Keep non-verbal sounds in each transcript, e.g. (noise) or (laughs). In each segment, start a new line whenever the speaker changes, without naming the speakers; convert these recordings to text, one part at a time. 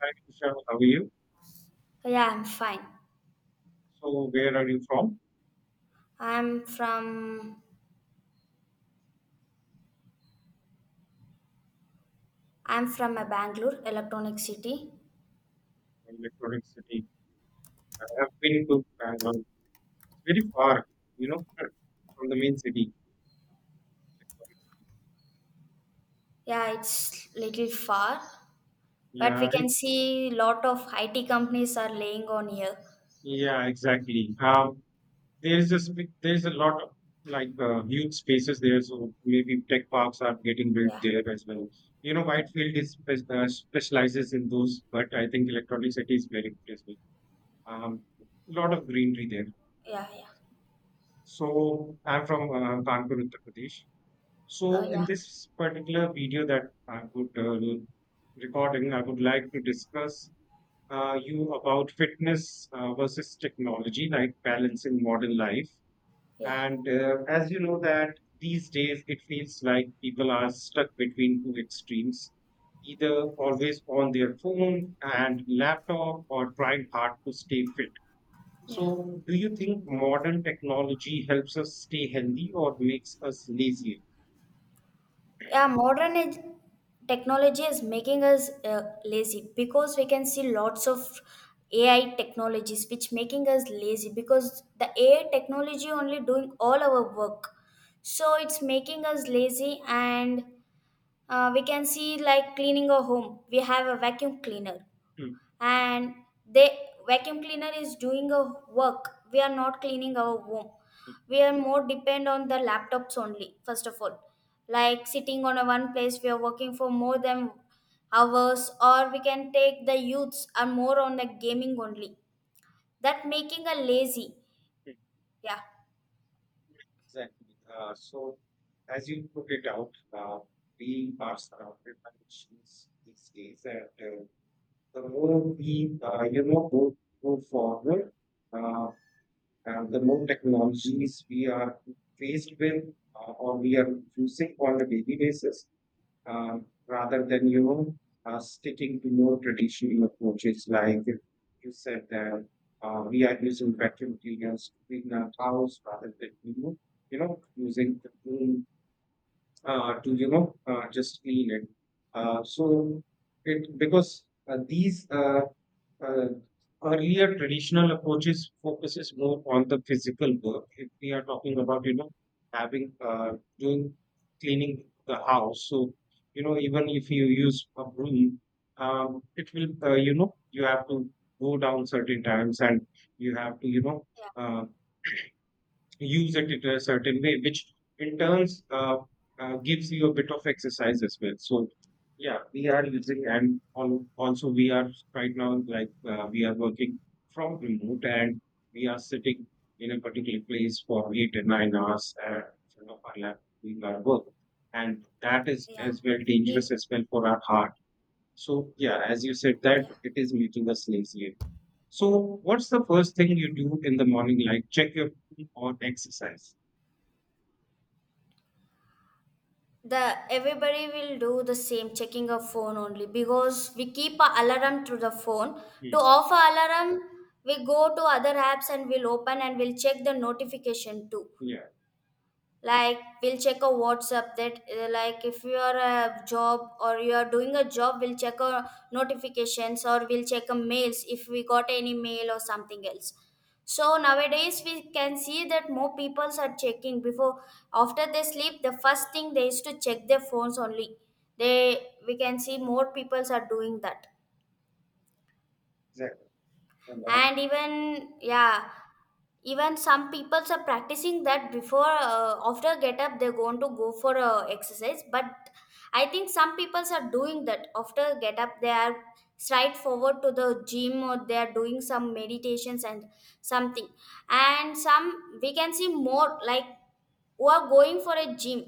Hi, Vishal, how are you?
So, yeah, I'm fine.
So, where are you from?
I'm from I'm from a Bangalore, electronic city.
From Electronic City. I have been to Bangalore. It's very far, you know, from the main city.
Yeah, it's little far,
Electronic City.
but we
Yeah,
can
it,
see lot of IT companies are laying on here.
yeah, exactly. There's a there's a lot of huge spaces there, so maybe tech parks are getting built
Yeah,
there as well. You know, Whitefield specializes in those, but I think Electronic City is very good as well. Um, Lot of greenery there.
yeah, yeah,
So I'm from Kanpur, Uttar Pradesh.
uh,
So in
yeah,
this particular video that I would recording, I would like to discuss you about fitness versus technology, like balance in modern life.
yeah,
And as you know that these days it feels like people are stuck between two extremes, either always on their phone and laptop or trying hard to stay fit.
yeah.
So do you think modern technology helps us stay healthy or makes us lazy?
Yeah. Technology is making us lazy because we can see lots of AI technologies which making us lazy because the AI technology only doing all our work. So it's making us lazy and we can see like cleaning a home. We have a vacuum cleaner
Hmm.
and they vacuum cleaner is doing a work, we are not cleaning our home,
Hmm.
we are more depend on the laptops only. First of all, like sitting on a one place we are working for more than hours, or we can take the youths are more on the gaming only, that making a lazy, yeah.
Exactly. So, as you put it out, uh, we are surrounded by machines these days, and the more we you know, go forward, uh, and the more technologies we are faced with, or we are using on a daily basis, uh, rather than you know sticking to more traditional approaches like you said that we are using vacuum cleaners to clean our house rather than you know using the broom to you know just clean it. So it because these uh, earlier traditional approaches focuses more on the physical work. If we are talking about you know having doing cleaning the house, so you know even if you use a broom, it will you know you have to go down certain times and you have to you know.
yeah
Uh, Use it in a certain way, which in turns gives you a bit of exercise as well. So yeah, we are using and also we are right now like we are working from remote and we are sitting in a particular place for 8 and 9 hours in front of our lap doing our work, and that is
yeah
as well
if,
dangerous as well for our heart. So yeah, as you said that
yeah
it is making us lazy. So what's the first thing you do in the morning, like check your phone or exercise?
The everybody will do the same checking of phone only because we keep a alarm through the phone to
Mm.
off a alarm. We go to other apps and we'll open and we'll check the notification too,
Yeah.
like we'll check a whatsapp that like if you are a job or you are doing a job we'll check our notifications or we'll check a mails if we got any mail or something else. So nowadays we can see that more people are checking before, after they sleep the first thing they used to check their phones only. They We can see more people are doing that.
Exactly. And, uh,
And even yeah, even some people are practicing that before after get up they're going to go for exercise, but I think some people are doing that after get up they are straight forward to the gym or they are doing some meditations and something. And some we can see more like who are going for a gym,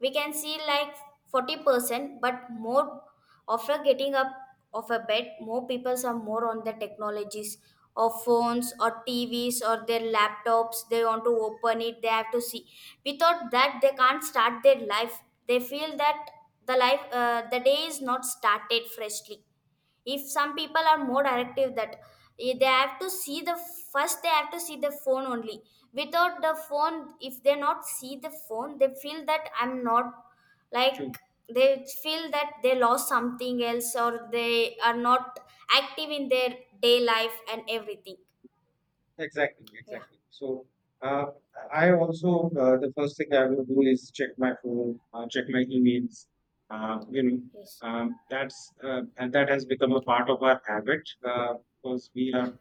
we can see like 40%, but more after getting up of a bed more people are more on the technologies of phones or tvs or their laptops. They want to open it, they have to see. Without that they can't start their life, they feel that the life, the day is not started freshly. If some people are more directive that they have to see the, first they have to see the phone only. Without the phone, if they not see the phone, they feel that I'm not like,
mm,
they feel that they lost something else or they are not active in their day life and everything,
exactly.
yeah.
Exactly. So uh, I also the first thing I will do is check my phone, check my emails. You know,
yes
that's and that has become a part of our habit because we
yeah
are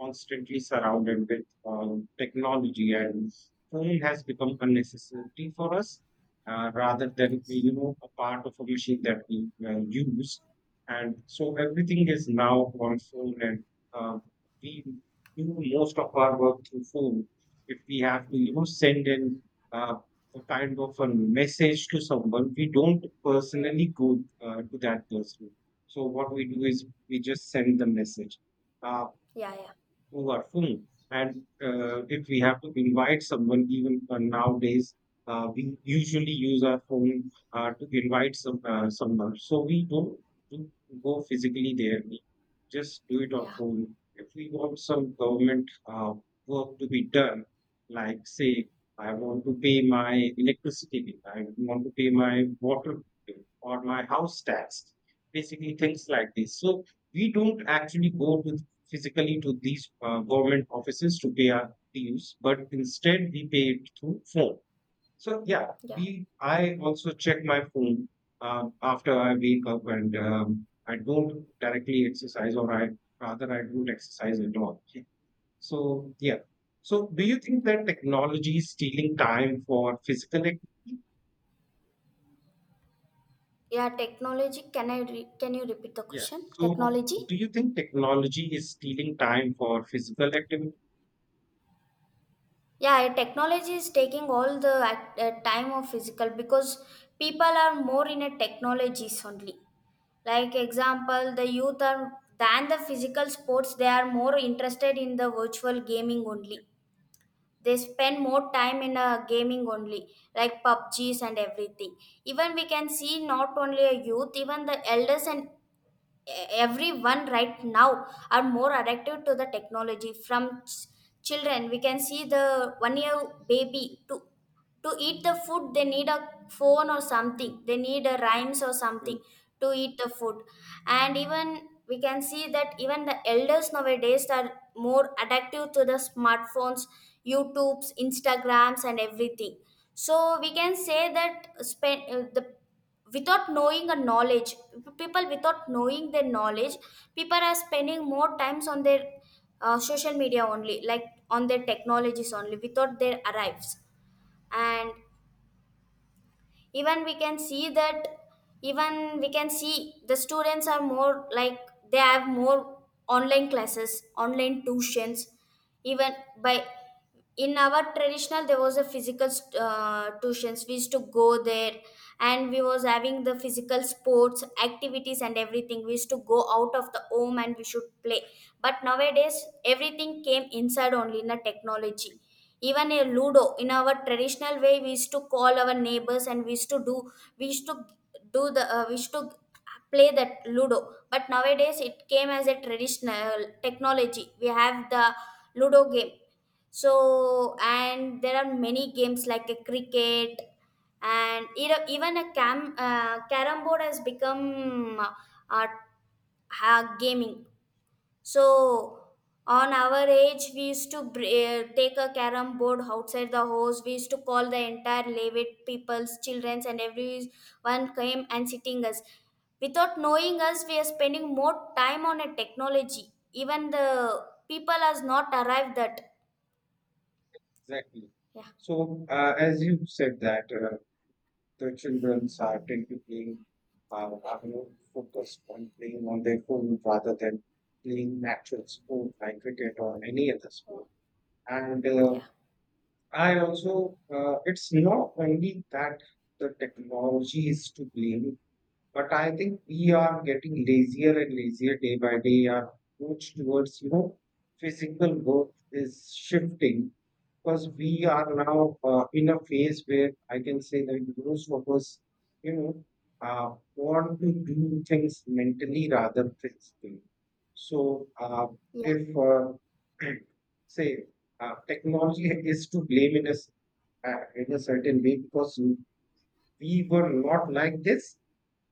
constantly surrounded with technology and phone has become a necessity for us rather than you know a part of a machine that we use, and so everything is now on phone and uh, we do most of our work through phone. If we have to you know send in uh, a kind of a message to someone, we don't personally go to that person, so what we do is we just send the message. Uh,
yeah yeah
who are film. And if we have to invite someone, even nowadays, we usually use our phone to invite someone. So we don't do go physically there. We just do it on
yeah
phone. If we want some government work to be done, like say I want to pay my electricity bill, I want to pay my water bill or my house tax, basically things like this. So we don't actually go to physically to these government offices to pay our dues, but instead we pay it through phone. So yeah,
yeah
we I also check my phone after I wake up, and I don't directly exercise, or I rather I don't exercise at all. So yeah. So do you think that technology is stealing time for physical activity?
yeah Technology can you repeat the
Yeah.
question,
So
technology?
do you think technology is stealing time for physical activity?
Yeah, technology is taking all the time of physical because people are more in a technologies only, like example the youth are than the physical sports, they are more interested in the virtual gaming
Yeah.
only. They spend more time in a gaming only, like pubgs and everything. Even we can see not only a youth, even the elders and everyone right now are more addicted to the technology. Children, we can see the 1 year baby to eat the food they need a phone or
Mm.
something, they need a rhymes or something
Mm.
to eat the food. And even we can see that even the elders nowadays are more addictive to the smartphones, youtubes, instagrams and everything. So we can say that spend, the without knowing a knowledge, people without knowing their knowledge, people are spending more times on their social media only, like on their technologies only without their arrives. And even we can see that, even we can see the students are more like, they have more online classes, online tuitions. Even by, in our traditional there was a physical tuitions we used to go there, and we was having the physical sports activities and everything, we used to go out of the home and we should play. But nowadays everything came inside only in the technology. Even a ludo, in our traditional way we used to call our neighbors and we used to do we used to do the we used to play that ludo. But nowadays it came as a traditional technology, we have the ludo game. So, and there are many games like a cricket, and e- even a cam carom board has become uh, gaming. So on our age, we used to take a carom board outside the house. We used to call the entire Levit people's childrens, and everyone came and sitting us. Without knowing us, we are spending more time on a technology. Even the people has not arrived that.
Exactly.
Yeah,
So, as you said that the children are typically are more focused on playing on their phone rather than playing natural sport like cricket or any other sport. And I also, it's not only that the technology is to blame, but I think we are getting lazier and lazier day by day. Our approach towards, you know, physical work is shifting because we are now in a phase where I can say that most of us, you know, want to do things mentally rather physically. So,
yeah.
if (clears throat) say technology (laughs) is to blame in a certain way because we were not like this.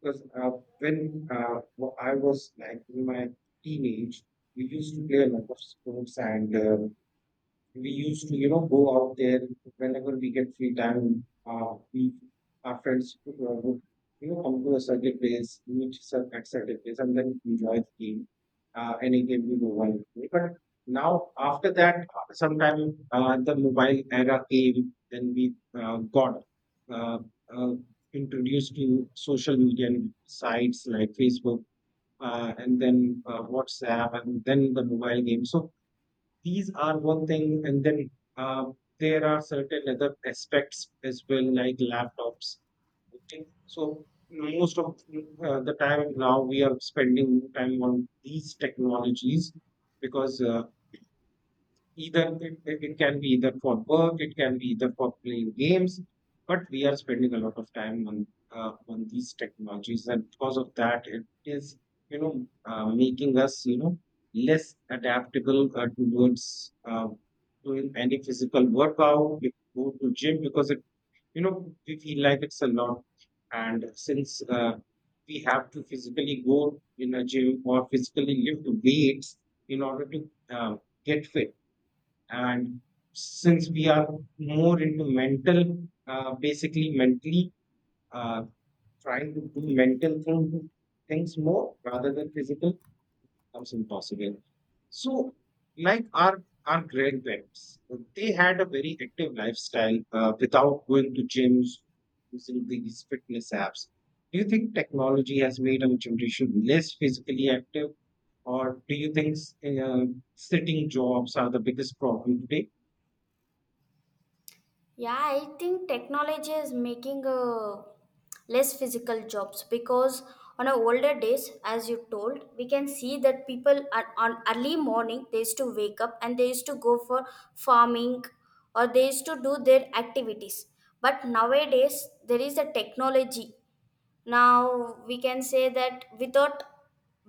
Because when I was like in my teenage, we used to play a lot of sports and we used to you know go out there whenever we get free time. We our friends would you know come to a certain place at certain place and then enjoy the game, any game we would want to play. But now after that sometime the mobile era came, then we got uh, uh, introduced to social media and sites like Facebook and then WhatsApp and then the mobile game. So these are one thing, and then uh, there are certain other aspects as well, like laptops. Okay, so most of the time now we are spending time on these technologies because either it can be either for work, it can be either for playing games, but we are spending a lot of time on these technologies, and because of that, it is you know making us you know less adaptable towards doing any physical workout. We go to gym because it you know we feel like it's a lot, and since we have to physically go in a gym or physically lift weights in order to get fit. And since we are more into mental basically mentally uh, trying to do things more rather than physical becomes impossible. So like our grandparents, they had a very active lifestyle without going to gyms using these fitness apps. Do you think technology has made our generation less physically active, or do you think uh, sitting jobs are the biggest problem today?
Yeah, I think technology is making less physical jobs because on our older days, as you told, we can see that people are on early morning they used to wake up and they used to go for farming, or they used to do their activities. But nowadays there is a technology, now we can say that without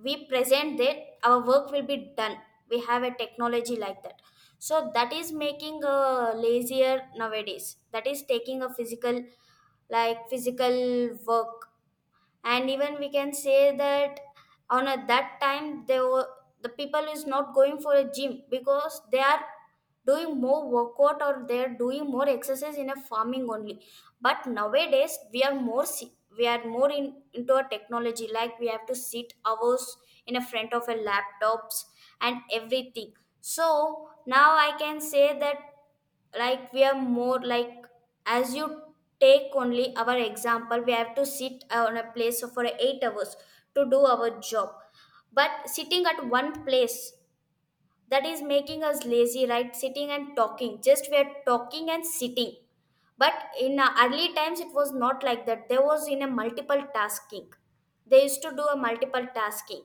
we present it our work will be done, we have a technology like that. So that is making lazier nowadays, that is taking a physical, like physical work. And even we can say that on a, that time they were, the people is not going for a gym because they are doing more workout or they are doing more exercise in a farming only. But nowadays we are more we are more into a technology, like we have to sit hours in a front of a laptops and everything. So now I can say that, like we are more like, as you take only our example, we have to sit on a place for 8 hours to do our job. But sitting at one place, that is making us lazy, right? Sitting and talking, just we are talking and sitting. But in early times it was not like that, there was in a multiple tasking, they used to do a multiple tasking.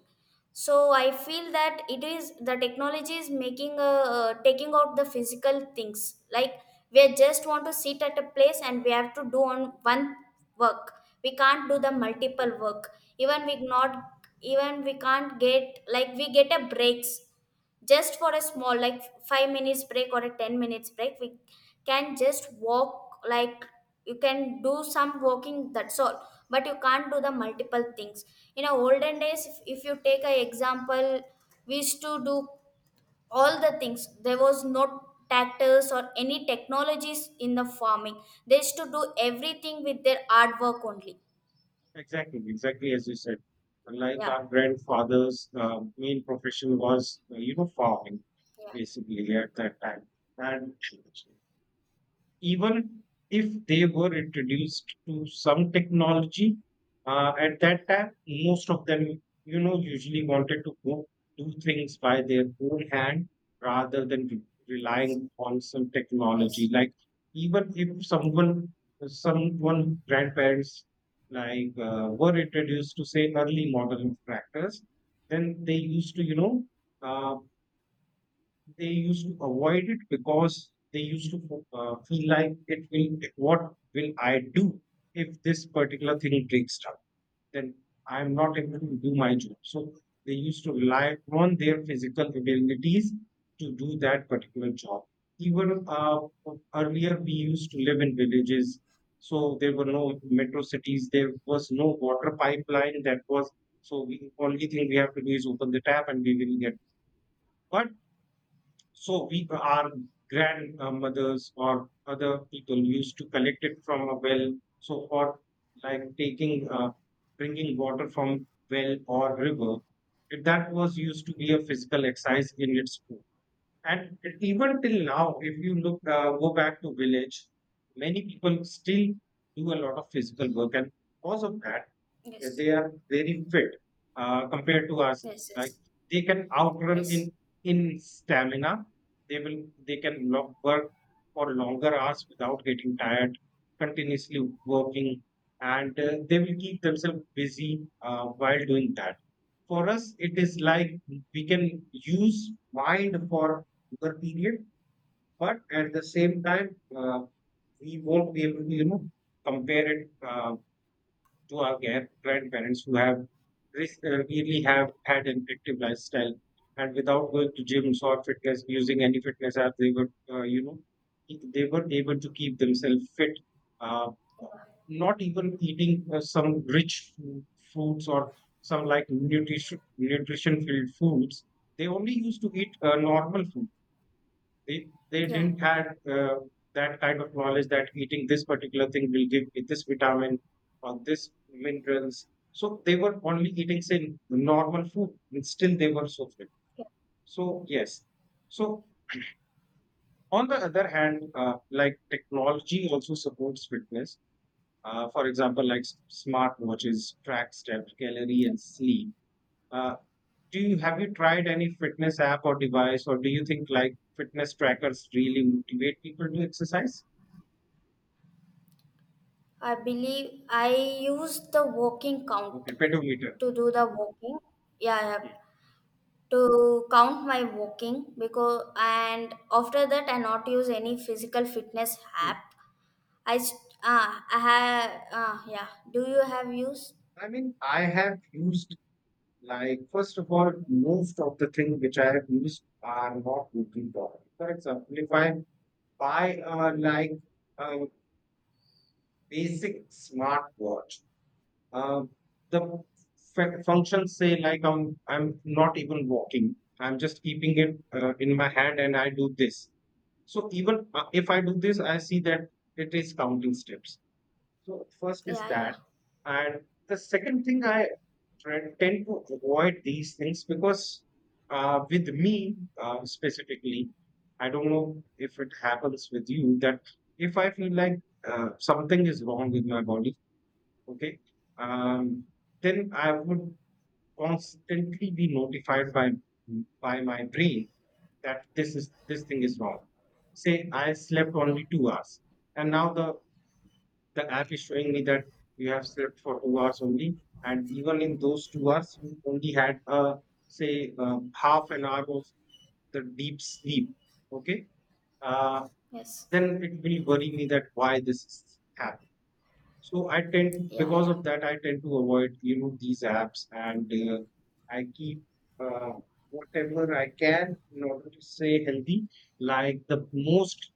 So I feel that it is the technology is making taking out the physical things, like we just want to sit at a place and we have to do on one work, we can't do the multiple work. Even we not, even we can't get, like we get a breaks just for a small like 5 minutes break or a 10 minutes break, we can just walk, like you can do some walking, that's all. But you can't do the multiple things. In our olden days, if you take an example, we used to do all the things, there was no tractors or any technologies in the farming, they used to do everything with their hard work only.
Exactly, exactly as you said. Like
Yeah,
our grandfather's main profession was, you know, farming,
yeah.
basically at that time. And even if they were introduced to some technology at that time, most of them, you know, usually wanted to go do things by their own hand rather than
yes
relying on some technology.
yes
Like even if someone, someone grandparents like were introduced to say early modern tractors, then they used to, you know. Uh, they used to avoid it because they used to feel like it will what will I do if this particular thing breaks down, then I'm not able to do my job. So they used to rely on their physical abilities to do that particular job. Even earlier we used to live in villages, so there were no metro cities, there was no water pipeline that was. So we only thing we have to do is open the tap and we will get. But so we our grandmothers or other people used to collect it from a well. So for like taking bringing water from well or river, that was used to be a physical exercise in its own. And even till now, if you look go back to village, many people still do a lot of physical work, and because of that
yes
they are very fit compared to us.
yes
Like
yes
they can outrun
yes
in stamina. They can work for longer hours without getting tired, continuously working, and they will keep themselves busy while doing that. For us, it is like we can use mind for longer period, but at the same time, we won't be able to you know compare it. Uh, to our grandparents who have really have had an active lifestyle, and without going to gyms or fitness using any fitness app they were you know they were able to keep themselves fit, uh, not even eating some rich foods or some like nutrition filled foods. They only used to eat normal food. They
yeah
didn't had uh, that kind of knowledge that eating this particular thing will give me this vitamin or this minerals. So they were only eating say normal food, and still they were so fit.
yeah
So yes. So on the other hand, like technology also supports fitness. For example, like smart watches track steps, calorie, and
Yes.
sleep. Uh, do you have you tried any fitness app or device, or do you think like fitness trackers really motivate people to exercise?
I believe I use the walking count
Okay, pedometer.
to do the walking. Yeah, I have
Okay.
to count my walking because, and after that I not use any physical fitness
Hmm.
app. I st- ah I have ah yeah. Do you have used?
I mean, I have used like first of all, most of the things which I have used are not looking for. For example, if I buy a like a basic smartwatch, uh, the functions say like I'm not even walking. I'm just keeping it in my hand and I do this. So even if I do this, I see that it is counting steps. So first is
Yeah, yeah,
that, and the second thing I tend to avoid these things because with me specifically, I don't know if it happens with you that if I feel like something is wrong with my body, okay, um, then I would constantly be notified by my brain that this thing is wrong. Say I slept
yeah.
only 2 hours, and now the app is showing me that you have slept for 2 hours only, and even in those 2 hours you only had say half an hour of the deep sleep, okay. uh,
Yes.
then it will worry me that why this is happening. So I tend,
Yeah,
because
yeah.
of that, I tend to avoid, you know, these apps, and I keep uh, whatever I can in order to stay healthy. Like the most,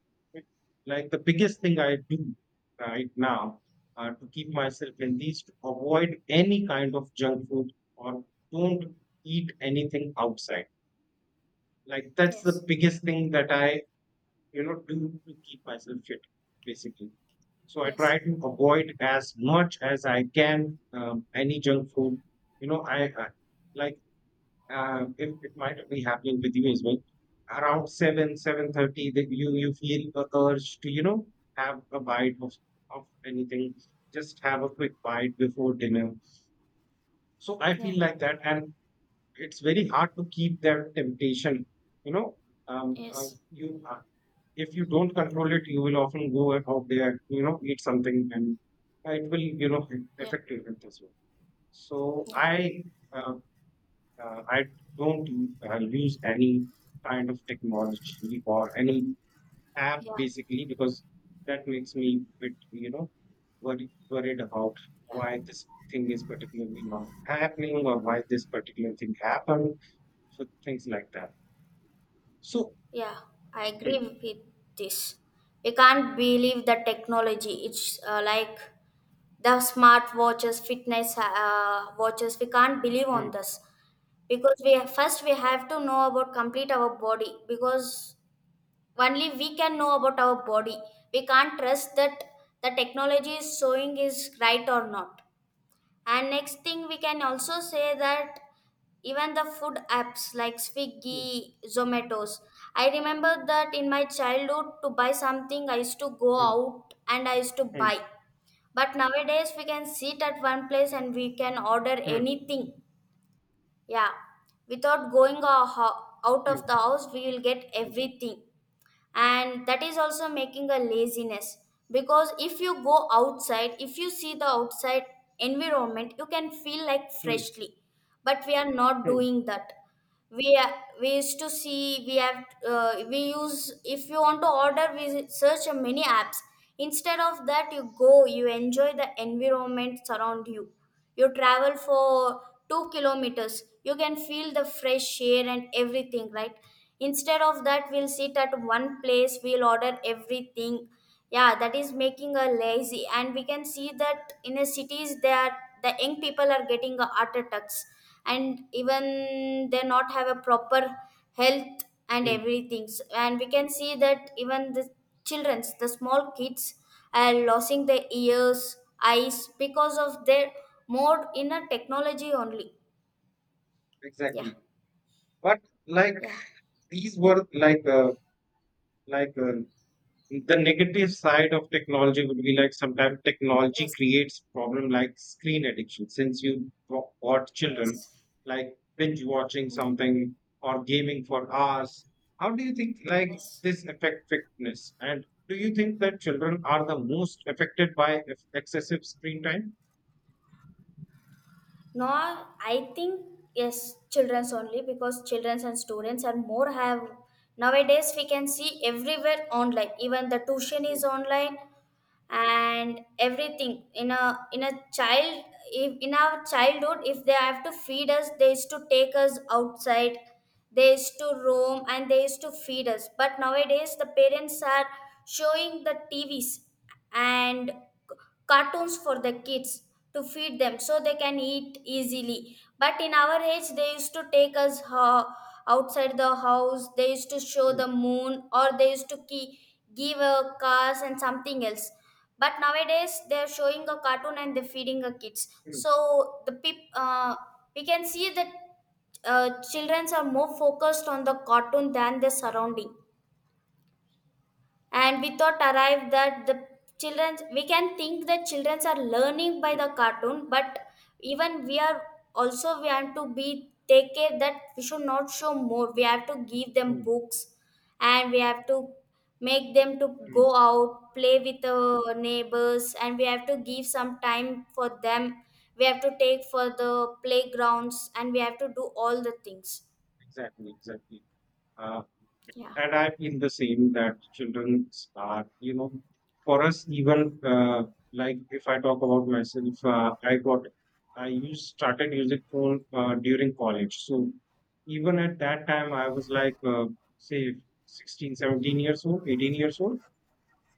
like the biggest thing I do right now to keep myself healthy is to avoid any kind of junk food, or don't eat anything outside. Like that's the
Yes.
biggest thing that I, you know, do to keep myself fit, basically. So I
Yes.
try to avoid as much as I can any junk food. You know, I like, if it might be happening with you as well. Around seven, 7:30, that you feel a urge to have a bite of anything. Just have a quick bite before dinner. So I
Yeah.
feel like that, and it's very hard to keep that temptation. You know,
Yes.
you If you don't control it, you will often go out there, you know, eat something, and it will, you know,
Yeah.
affect your health as well. So
Yeah.
uh, I don't use any kind of technology or any app
Yeah.
basically because that makes me a bit, you know, worried about why
Yeah.
this thing is particularly not happening, or why this particular thing happened. So things like that. So.
Yeah, I agree
Mm,
with this. We can't believe the technology. It's like the smart watches, fitness watches. We can't believe on
mm,
this because we first we have to know about complete our body because only we can know about our body. We can't trust that the technology is showing is right or not. And next thing we can also say that even the food apps like
mm,
Swiggy, Zomatos. I remember that in my childhood, to buy something, I used to go
mm,
out and I used to
mm,
buy. But nowadays, we can sit at one place and we can order
mm,
anything. Yeah, without going a out of the
mm,
house, we will get everything. And that is also making a laziness, because if you go outside, if you see the outside environment, you can feel like
mm.
freshly. But we are not
Mm,
doing that, we used to see we have we use, if you want to order we search many apps, instead of that you go, you enjoy the environment surround you, you travel for 2 kilometers, you can feel the fresh air and everything, right? Instead of that we'll sit at one place, we'll order everything. Yeah, that is making a lazy, and we can see that in the cities that the young people are getting a heart attacks, and even they not have a proper health and
mm,
everything. And we can see that even the childrens, the small kids are losing their ears, eyes because of their more inner technology only. Yeah,
exactly. But like
yeah.
these were like, like uh, the negative side of technology would be like sometimes technology
Yes,
creates problem like screen addiction since you bought children
yes.
like binge watching
Mm,
something or gaming for hours. How do you think like
yes.
this affect fitness? And do you think that children are the most affected by excessive screen time?
No, I think yes, children's only because childrens and students are more have, nowadays we can see everywhere online. Even the tuition is
Mm,
online and everything in a child if, in our childhood if they have to feed us they used to take us outside. They used to roam and they used to feed us, but nowadays the parents are showing the tvs and cartoons for the kids to feed them so they can eat easily. But in our age they used to take us outside the house. They used to show
mm,
the moon or they used to give a cars and something else, but nowadays they are showing a cartoon and they're feeding the kids
mm, mm,
so the we can see that children are more focused on the cartoon than the surrounding. And we thought arrived that the children, we can think that children are learning by
mm,
the cartoon. But even we are also, we have to be take care that we should not show more. We have to give them
mm,
books and we have to make them to go
mm.
out play with the neighbors, and we have to give some time for them. We have to take for the playgrounds and we have to do all the things.
Exactly, exactly.
Yeah,
And I feel the same that children are, you know, for us, even, like if I talk about myself, I used, started using phone during college. So even at that time, I was like, say, 16, 17 years old, 18 years old.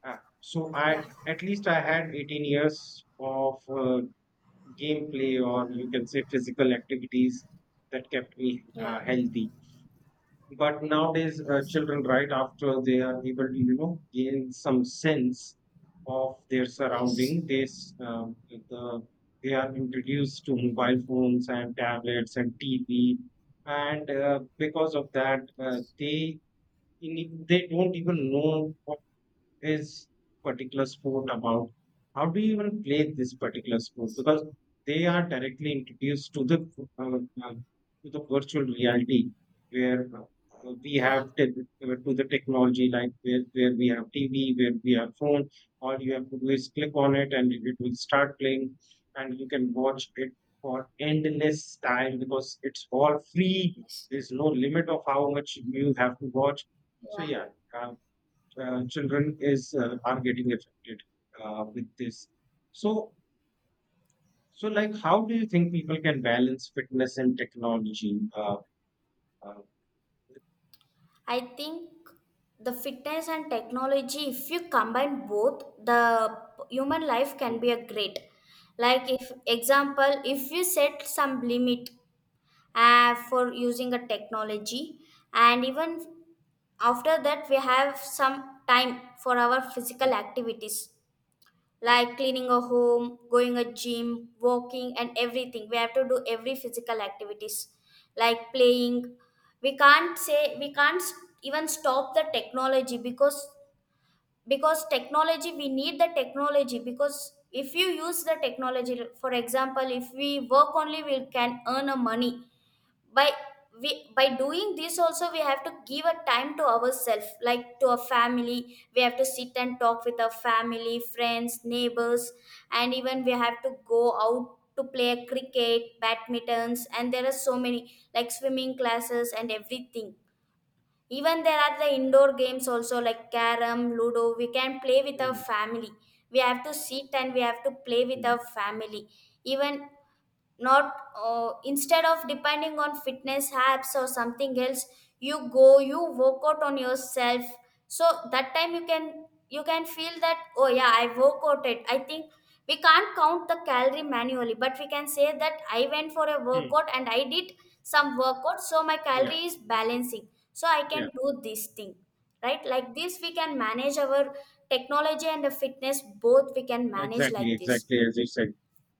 So
yeah,
I, at least I had 18 years of gameplay, or you can say physical activities that kept me
yeah,
healthy. But nowadays, children, right after they are able to, you know, gain some sense of their surrounding, they they are introduced to mobile phones and tablets and TV, and because of that, they they don't even know is particular sport about? How do you even play this particular sport? Because they are directly introduced uh, uh, to the virtual reality, where
yeah,
to the technology like where we have TV, where we have phone. All you have to do is click on it and it will start playing, and you can watch it for endless time because it's all free. There's no limit of how much you have to watch. So
yeah.
yeah, children is are getting affected with this. So, so like, how do you think people can balance fitness and technology? Uh,
I think the fitness and technology, if you combine both, the human life can
mm,
be a great. Like if example, if you set some limit for using a technology, and even after that we have some time for our physical
mm,
activities like cleaning a home, going a gym, walking, and everything. We have to do every physical activities, like playing. We can't say we can't s- Even stop the technology because technology, we need the technology. Because if you use the technology, for example, if we work only we can earn a money by, we by doing this also, we have to give a time to ourselves, like to a family. We have to sit and talk with our family, friends, neighbors, and even we have to go out to play cricket, badmintons, and there are so many like swimming classes and everything. Even there are the indoor games also like carom, ludo, we can play with our
mm,
family. We have to sit and we have to play with our
mm,
family. Even, not instead of depending on fitness apps or something else, you go, you work out on yourself. So that time you can feel that oh yeah, I work out it. I think we can't count the calorie manually, but we can say that I went for a
mm.
workout and I did some workout, so my
Yeah,
calorie is balancing. So I can
yeah,
do this thing, right? Like this, we can manage our technology and the fitness both. We can manage
exactly,
like this.
exactly as you said.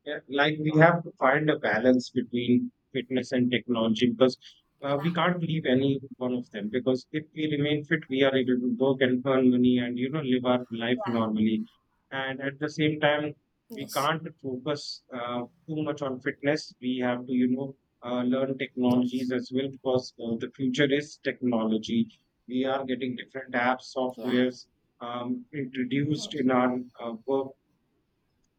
Yeah, like we
Yeah,
have to find a balance between fitness and technology because
yeah.
we can't leave any one of them, because if we remain fit we are able to work and earn money and you know live our life normally. And at the same time, we can't focus too much on fitness. We have to, you know, learn technologies as well, because the future is technology. We are getting different apps, softwares introduced in our work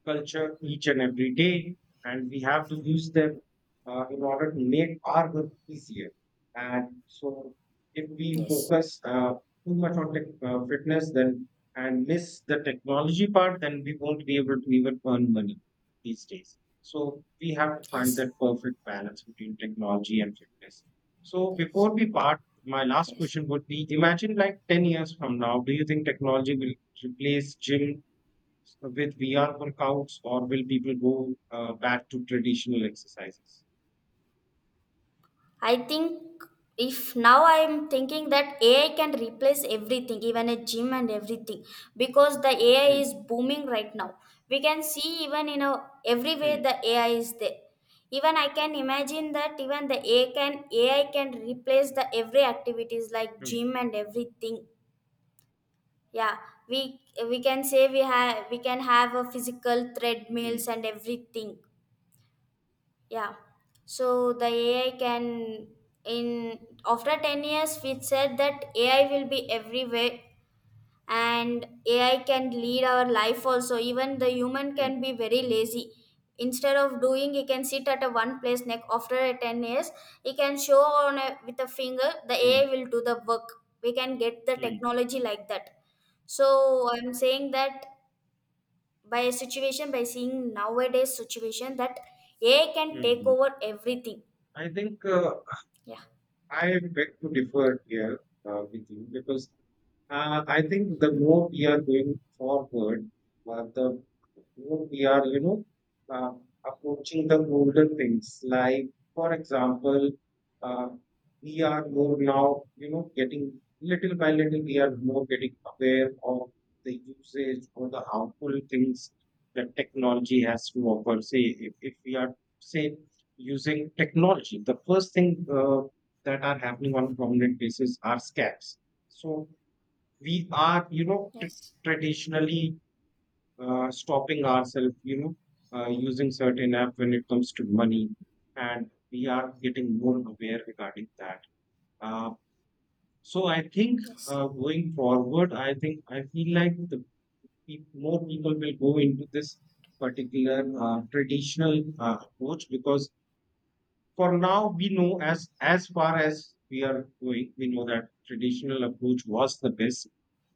culture each and every day, and we have to use them in order to make our work easier. And so, if we focus too much on fitness, then and miss the technology part, then we won't be able to even earn money these days. So we have to find that perfect balance between technology and fitness. So before we part, my last question would be: imagine like 10 years from now, do you think technology will replace gym so with VR workouts, or will people go back to traditional exercises?
I think if now I am thinking that AI can replace everything, even
Mm,
a gym and everything, because the AI
mm,
is booming right now. We can see even in a everywhere
mm,
the AI is there. Even I can imagine that even the AI can replace the every activities like gym and everything. Yeah, we we can say we have we can have a physical treadmills
mm,
and everything. Yeah. So the AI can, in after 10 years we said that AI will be everywhere, and AI can lead our life also. Even the human
mm,
can be very lazy. Instead of doing, he can sit at a one place neck after a 10 years, he can show on a, with a finger the
mm,
AI will do the work. We can get the
mm,
technology like that. So I'm saying that by a situation, by seeing nowadays situation, that AI
mm,
can take
mm.
over everything.
I think,
Yeah.
I beg to differ here with you, because I think the more we are going forward, the more we are, you know, uh, approaching the golden things. Like, for example, uh, we are more now, you know, getting little by little, we are more getting aware of the usage or the harmful things that technology has to offer. Say, if we are, say, using technology. The first thing that are happening on a prominent basis are scams. So we are, you know, traditionally stopping ourselves, you know, using certain app when it comes to money, and we are getting more aware regarding that. Uh, so I think, going forward, I think I feel like the more people will go into this particular traditional approach, because for now we know, as far as we are going, we know that traditional approach was the best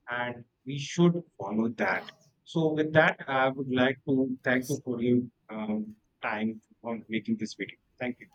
and we should follow that. So with that, I would like to thank you for your um, time on making this video. Thank you.